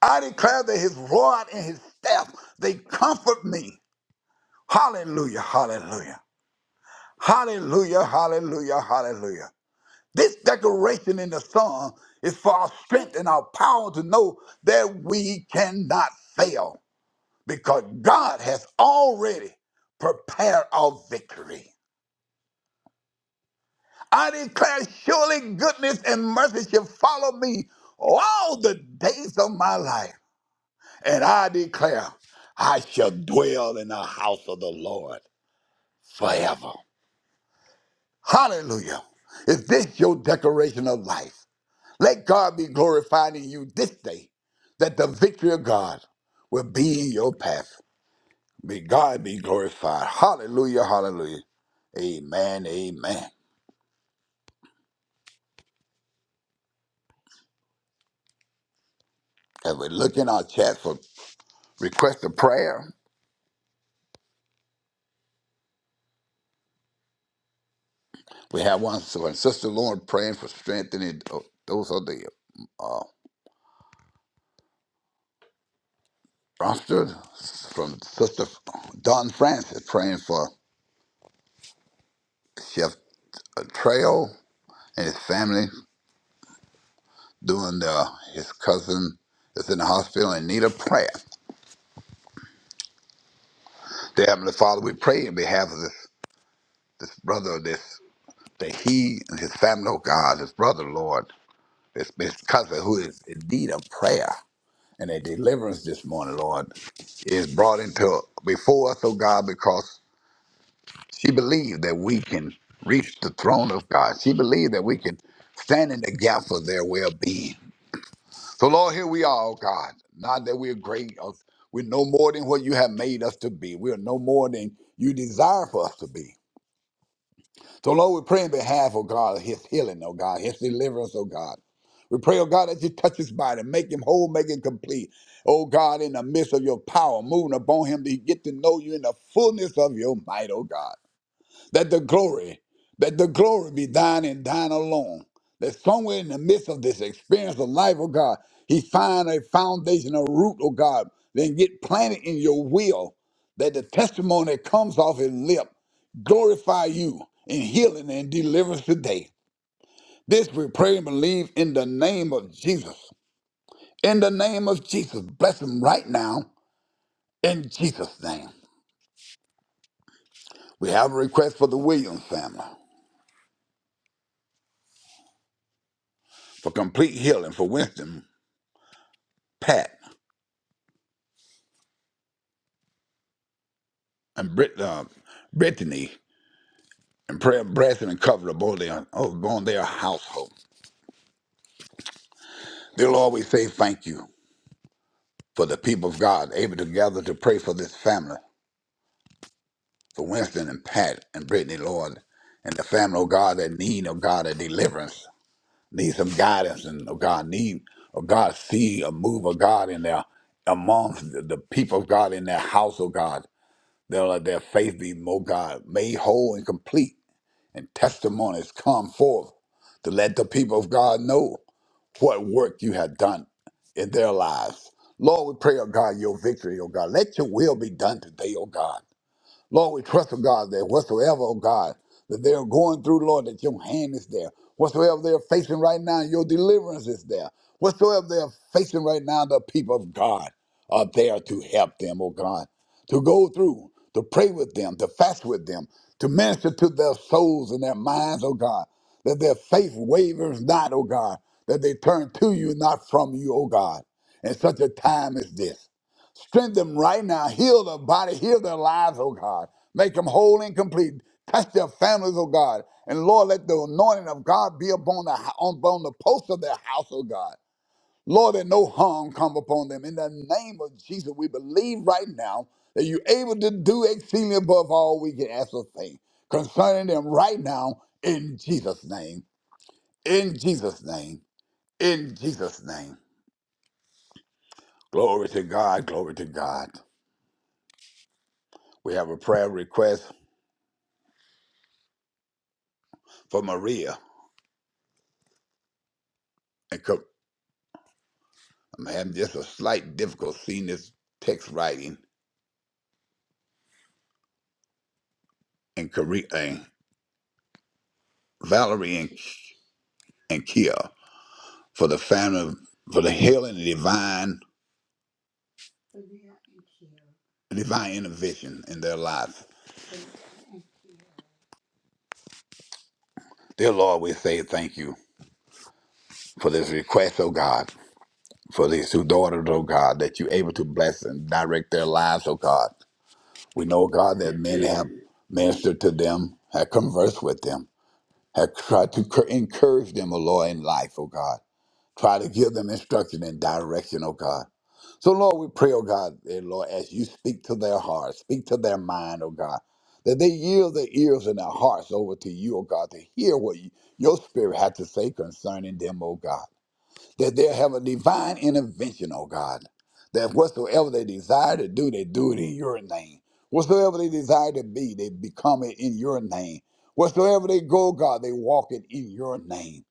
Speaker 2: I declare that his rod and his staff, they comfort me. Hallelujah, hallelujah, hallelujah, hallelujah, hallelujah. This declaration in the Psalm is for our strength and our power to know that we cannot fail. because God has already prepared our victory. I declare surely goodness and mercy shall follow me all the days of my life. And I declare I shall dwell in the house of the Lord forever. Hallelujah. Is this your declaration of life? Let God be glorified in you this day, that the victory of God will be in your path. May God be glorified. Hallelujah, hallelujah. Amen, amen. As we look in our chat for request of prayer, we have one so and Sister Lauren praying for strengthening uh, those are the rosters from Sister Don Francis praying for Chef uh, Trail and his family doing the, his cousin is in the hospital and need a prayer. Dear Heavenly Father, we pray in behalf of this, this brother, this that he and his family, oh God, his brother, Lord. It's because of who is indeed a prayer and a deliverance this morning, Lord, is brought into before us, oh God, because she believed that we can reach the throne of God. She believed that we can stand in the gap for their well being. So, Lord, here we are, oh God. Not that we're great, or we're no more than what you have made us to be. We are no more than you desire for us to be. So, Lord, we pray in behalf of God, his healing, oh God, his deliverance, oh God. We pray, oh God, that you touch his body, make him whole, make him complete. Oh God, in the midst of your power, moving upon him to get to know you in the fullness of your might, oh God that the glory, that the glory be thine and thine alone. That somewhere in the midst of this experience of life, oh God, he find a foundation, a root, oh God, then get planted in your will, that the testimony that comes off his lip glorify you in healing and deliverance today. This we pray and believe in the name of Jesus. In the name of Jesus, bless him right now in Jesus' name. We have a request for the Williams family for complete healing for Winston Pat. and Brit, uh, Brittany and pray and bless and cover upon their, upon their household. They'll always say thank you for the people of God able to gather to pray for this family, for Winston and Pat and Brittany, Lord, and the family of God that need of God a deliverance, need some guidance and of God need of God see a move of God in their amongst the the people of God in their house, oh God. They'll let their faith be, oh God, made whole and complete and testimonies come forth to let the people of God know what work you have done in their lives. Lord, we pray, oh God, your victory, oh God. Let your will be done today, oh God. Lord, we trust, oh God, that whatsoever, oh God, that they're going through, Lord, that your hand is there. Whatsoever they're facing right now, your deliverance is there. Whatsoever they're facing right now, the people of God are there to help them, oh God, to go through, to pray with them, to fast with them, to minister to their souls and their minds, oh God, that their faith wavers not, oh God, that they turn to you, not from you, oh God, in such a time as this. Strengthen them right now. Heal their body. Heal their lives, oh God. Make them whole and complete. Touch their families, oh God. And Lord, let the anointing of God be upon the upon the posts of their house, oh God. Lord, that no harm come upon them. In the name of Jesus, we believe right now that you're able to do exceedingly above all we can ask or think concerning them right now in Jesus' name. In Jesus' name. In Jesus' name. Glory to God. Glory to God. We have a prayer request for Maria. And co- I'm having just a slight difficulty seeing this text writing. And, Kare- and Valerie and, and Kia for the family, for the healing and divine, divine intervention in their lives. Dear Lord, we say thank you for this request, oh God, for these two daughters, oh God, that you're able to bless and direct their lives, oh God. We know, oh God, that men have ministered to them, have conversed with them, have tried to cur- encourage them, oh Lord, in life, oh God. Try to give them instruction and direction, oh God. So, Lord, we pray, oh God, eh, Lord, as you speak to their hearts, speak to their mind, oh God, that they yield their ears and their hearts over to you, oh God, to hear what you, your spirit has to say concerning them, oh God. That they'll have a divine intervention, oh God. That whatsoever they desire to do, they do it in your name. Whatsoever they desire to be, they become it in your name. Whatsoever they go, God, they walk it in your name.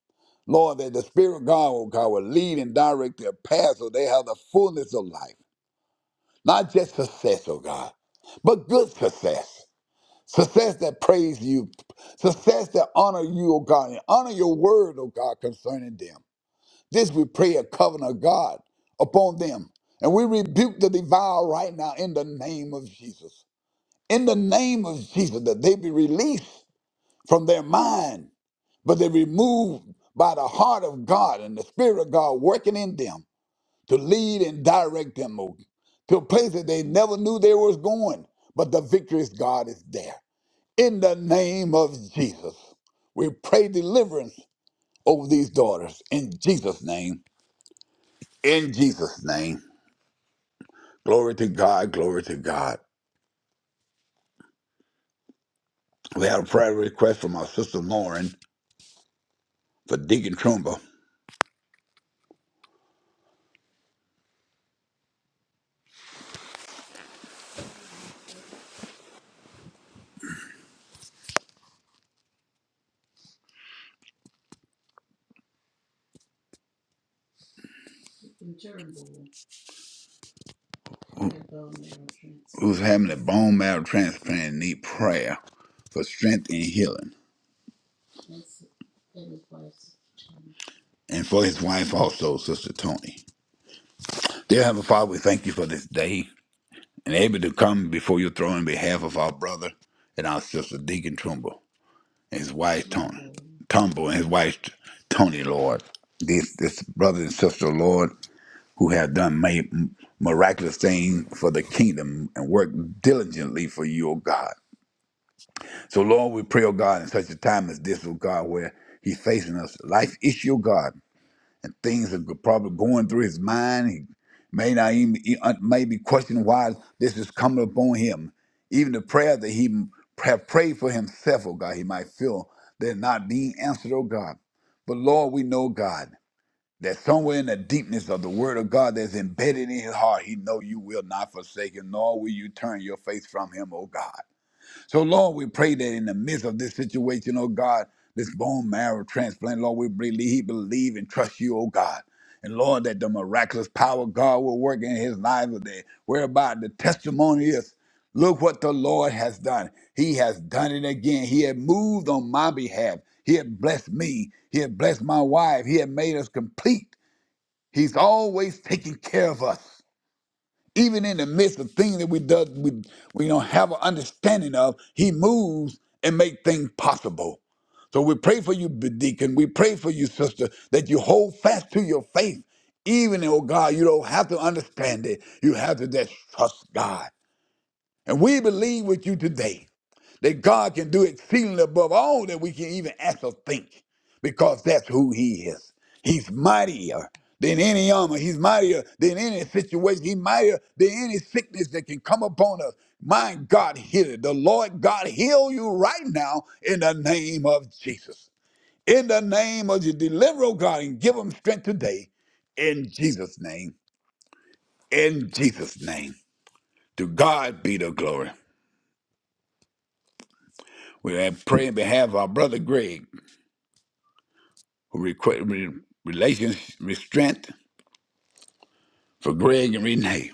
Speaker 2: Lord, that the Spirit of God, oh God, will lead and direct their path so they have the fullness of life. Not just success, oh God, but good success. Success that praise you, success that honor you, oh God, and honor your word, oh God, concerning them. This we pray a covenant of God upon them. And we rebuke the devourer right now in the name of Jesus. In the name of Jesus, that they be released from their mind, but they removed by the heart of God and the Spirit of God working in them to lead and direct them Lord, to places they never knew they was going. But the victorious God is there. In the name of Jesus, we pray deliverance over these daughters in Jesus' name. In Jesus' name. Glory to God, glory to God. We have a prayer request from our sister Lauren for Deacon Trumba. who's having a bone marrow transplant and need prayer for strength and healing. And for his wife also, Sister Tony. Dear Heavenly Father, we thank you for this day and able to come before your throne on behalf of our brother and our sister Deacon Trumbull and his wife Tony. Tumble and his wife Tony, Lord. This, this brother and sister, Lord, who have done made miraculous things for the kingdom and worked diligently for you, O God. So, Lord, we pray, oh God, in such a time as this, oh God, where he's facing us, life issue, oh God, and things are probably going through his mind. He may not even he uh, may be questioning why this is coming upon him. Even the prayer that he have prayed for himself, oh God, he might feel they're not being answered, oh God. But Lord, we know, God, that somewhere in the deepness of the word of God that's embedded in his heart, he know you will not forsake him, nor will you turn your face from him, oh God. So, Lord, we pray that in the midst of this situation, oh God, this bone marrow transplant, Lord, we believe, believe and trust you, oh God. And Lord, that the miraculous power of God will work in his life today, whereby the testimony is, look what the Lord has done. He has done it again. He had moved on my behalf. He had blessed me. He had blessed my wife. He had made us complete. He's always taking care of us even in the midst of things that we do, we, we don't have an understanding of, he moves and make things possible. So we pray for you, deacon. We pray for you, sister, that you hold fast to your faith. Even, oh God, you don't have to understand it. You have to just trust God. And we believe with you today that God can do exceedingly above all that we can even ask or think, because that's who He is. He's mightier than any armor. He's mightier than any situation. He's mightier than any sickness that can come upon us. My God, heal it. The Lord God heal you right now in the name of Jesus. In the name of Jesus, deliver, oh God, and give them strength today. In Jesus' name. In Jesus' name. To God be the glory. We pray in behalf of our brother Greg. requ- re- relations restraint for Greg and Renee.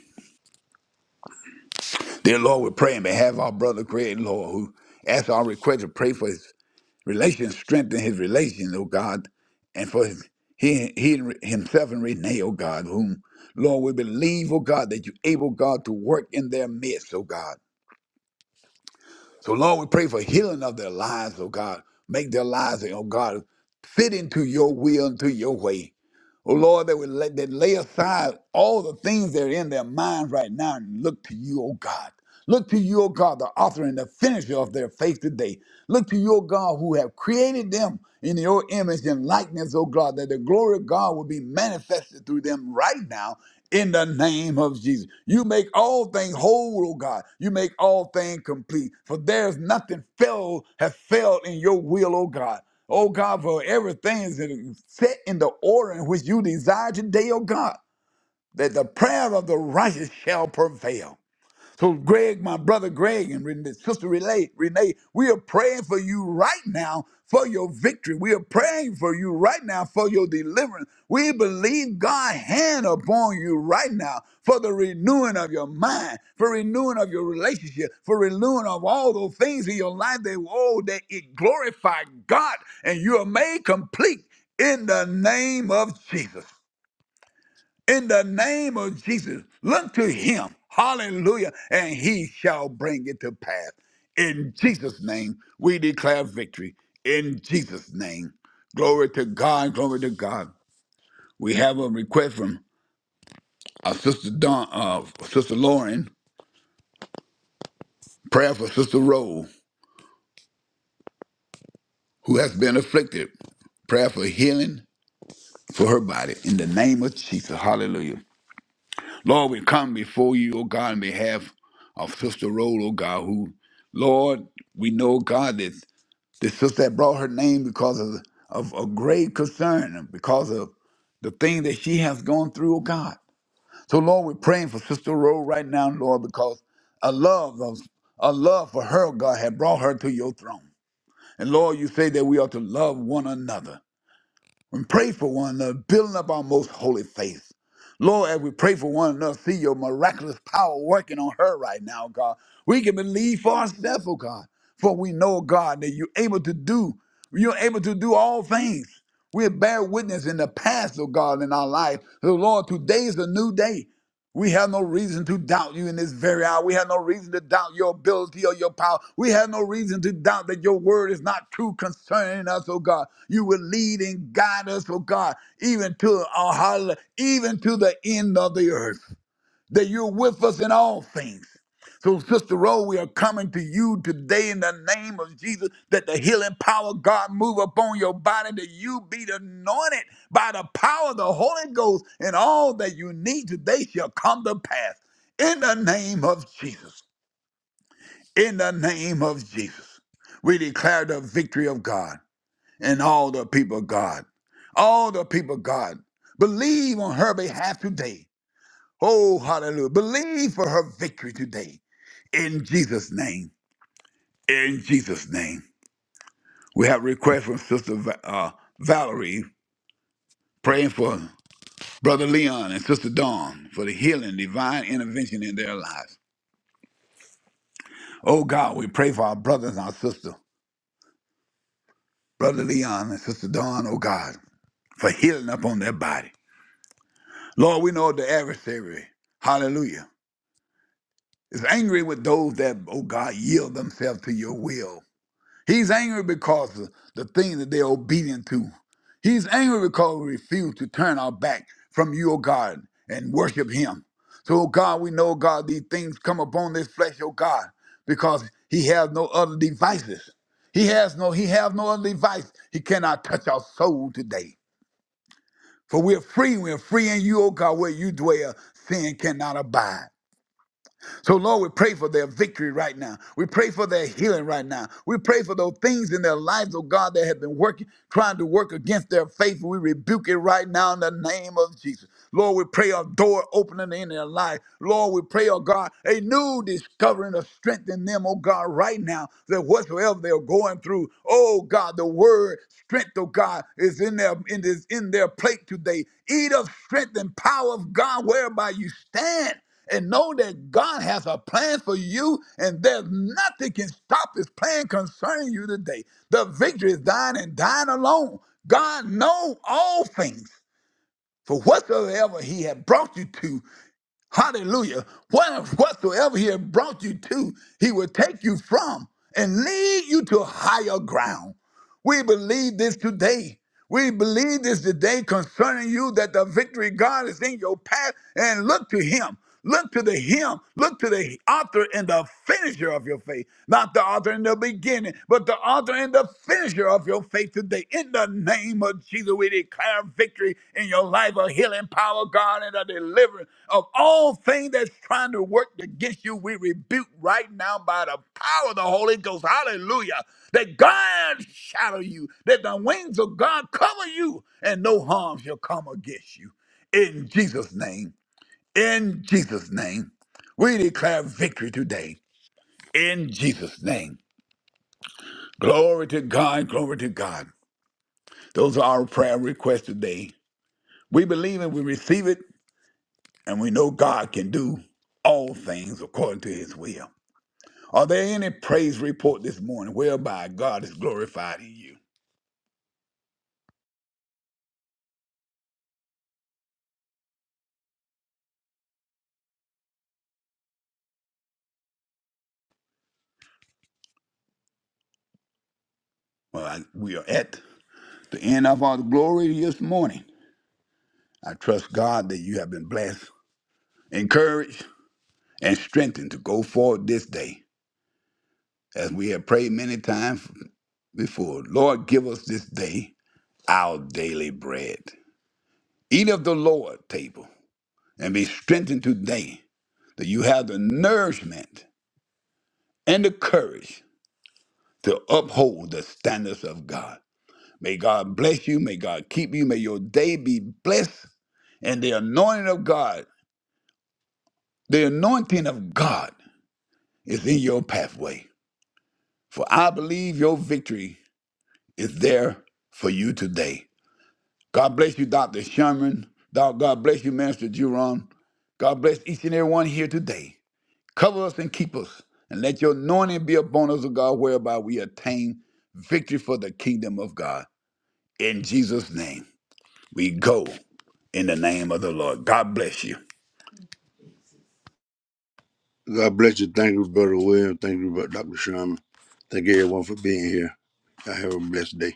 Speaker 2: Dear Lord, we pray on behalf of our brother Greg, Lord, who asks our request to pray for his relations, strengthen his relations, oh God, and for his, he, he and Re- himself and Renee, oh God, whom, Lord, we believe, oh God, that you're able, God, to work in their midst, oh God. So, Lord, we pray for healing of their lives, oh God. Make their lives, oh God, fit into your will and to your way. Oh Lord, that we let that lay aside all the things that are in their minds right now and look to you, oh God. Look to you, oh God, the author and the finisher of their faith today. Look to you, oh God, who have created them in your image and likeness, oh God, that the glory of God will be manifested through them right now in the name of Jesus. You make all things whole, oh God. You make all things complete. For there's nothing failed has failed in your will, oh God. Oh God, for everything is set in the order in which you desire today, oh God, that the prayer of the righteous shall prevail. So, Greg, my brother Greg, and Renee- Sister Renee, Renee, we are praying for you right now for your victory. We are praying for you right now for your deliverance. We believe God's hand upon you right now for the renewing of your mind, for renewing of your relationship, for renewing of all those things in your life that, oh, that it glorify God and you are made complete in the name of Jesus in the name of Jesus. Look to him. Hallelujah. And he shall bring it to pass. In Jesus' name, we declare victory. In Jesus' name. Glory to God. Glory to God. We have a request from our sister Dawn, uh, Sister Lauren. Prayer for Sister Rowe, who has been afflicted. Prayer for healing for her body. In the name of Jesus. Hallelujah. Lord, we come before you, O God, on behalf of Sister Rhoda, O God, who, Lord, we know, God, that this sister had brought her name because of, of a great concern, and because of the thing that she has gone through, O God. So, Lord, we're praying for Sister Rhoda right now, Lord, because a love of a love for her, O God, had brought her to your throne. And Lord, you say that we are to love one another and pray for one another, building up our most holy faith. Lord, as we pray for one another, see your miraculous power working on her right now, God. We can believe for ourselves, oh God, for we know, God, that you're able to do, you're able to do all things. We bear witness in the past, oh God, in our life. So, Lord, today is a new day. We have no reason to doubt you in this very hour. We have no reason to doubt your ability or your power. We have no reason to doubt that your word is not true concerning us, oh God. You will lead and guide us, oh God, even to our hallelujah, even to the end of the earth that you're with us in all things. So, Sister Rowe, we are coming to you today in the name of Jesus that the healing power of God move upon your body, that you be anointed by the power of the Holy Ghost, and all that you need today shall come to pass in the name of Jesus. In the name of Jesus, we declare the victory of God and all the people of God. All the people of God, believe on her behalf today Oh, hallelujah. Believe for her victory today. In Jesus' name. In Jesus' name. We have a request from Sister Va- uh, Valerie praying for Brother Leon and Sister Dawn for the healing, divine intervention in their lives. Oh God, we pray for our brothers and our sisters, Brother Leon and Sister Dawn, oh God, for healing upon their body. Lord, we know the adversary, hallelujah, is angry with those that, oh God, yield themselves to your will. He's angry because of the things that they're obedient to. He's angry because we refuse to turn our back from you, O God, and worship Him. So, O God, we know, God, these things come upon this flesh, O God, because He has no other devices. He has no, He has no other device. He cannot touch our soul today. For we're free. We're free in you, O God, where you dwell. Sin cannot abide. So, Lord, we pray for their victory right now. We pray for their healing right now. We pray for those things in their lives, oh God, that have been working, trying to work against their faith. We rebuke it right now in the name of Jesus. Lord, we pray a door opening in their life. Lord, we pray, oh God, a new discovering of strength in them, oh God, right now, that whatsoever they're going through, oh God, the word strength, oh God, is in their in is in their plate today. Eat of strength and power of God whereby you stand and know that God has a plan for you, and there's nothing can stop His plan concerning you today. The victory is thine and thine alone. God knows all things, for whatsoever He had brought you to. Hallelujah. What, whatsoever he had brought you to, he will take you from and lead you to higher ground. We believe this today. We believe this today concerning you that the victory God is in your path and look to him. Look to the him. Look to the author and the finisher of your faith. Not the author in the beginning, but the author and the finisher of your faith today. In the name of Jesus, we declare victory in your life, a healing power, God, and a deliverance of all things that's trying to work against you. We rebuke right now by the power of the Holy Ghost. Hallelujah. That God shadow you, that the wings of God cover you, and no harm shall come against you. In Jesus' name, in Jesus' name, we declare victory today. In Jesus' name. Glory to God, glory to God. Those are our prayer requests today. We believe and we receive it, and we know God can do all things according to his will. Are there any praise report this morning whereby God is glorified in you? Well, I, we are at the end of our glorious morning. I trust God that you have been blessed, encouraged, and strengthened to go forward this day. As we have prayed many times before, Lord, give us this day our daily bread. Eat of the Lord table and be strengthened today that you have the nourishment and the courage to uphold the standards of God. May God bless you. May God keep you. May your day be blessed. And the anointing of God, the anointing of God is in your pathway. For I believe your victory is there for you today. God bless you, Dr. Sherman. God God bless you, Master Jerome. God bless each and every one here today. Cover us and keep us, and let your anointing be upon us, O God, whereby we attain victory for the kingdom of God. In Jesus' name, we go in the name of the Lord. God bless you.
Speaker 4: God bless you. Thank you, Brother William. Thank you, Brother Dr. Sherman. Thank everyone for being here. I have a blessed day.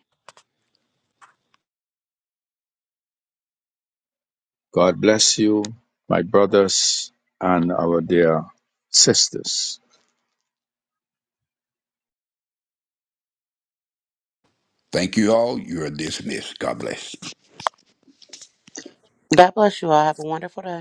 Speaker 3: God bless you, my brothers and our dear sisters.
Speaker 2: Thank you all. You are dismissed. God bless.
Speaker 6: God bless you all. Have a wonderful day.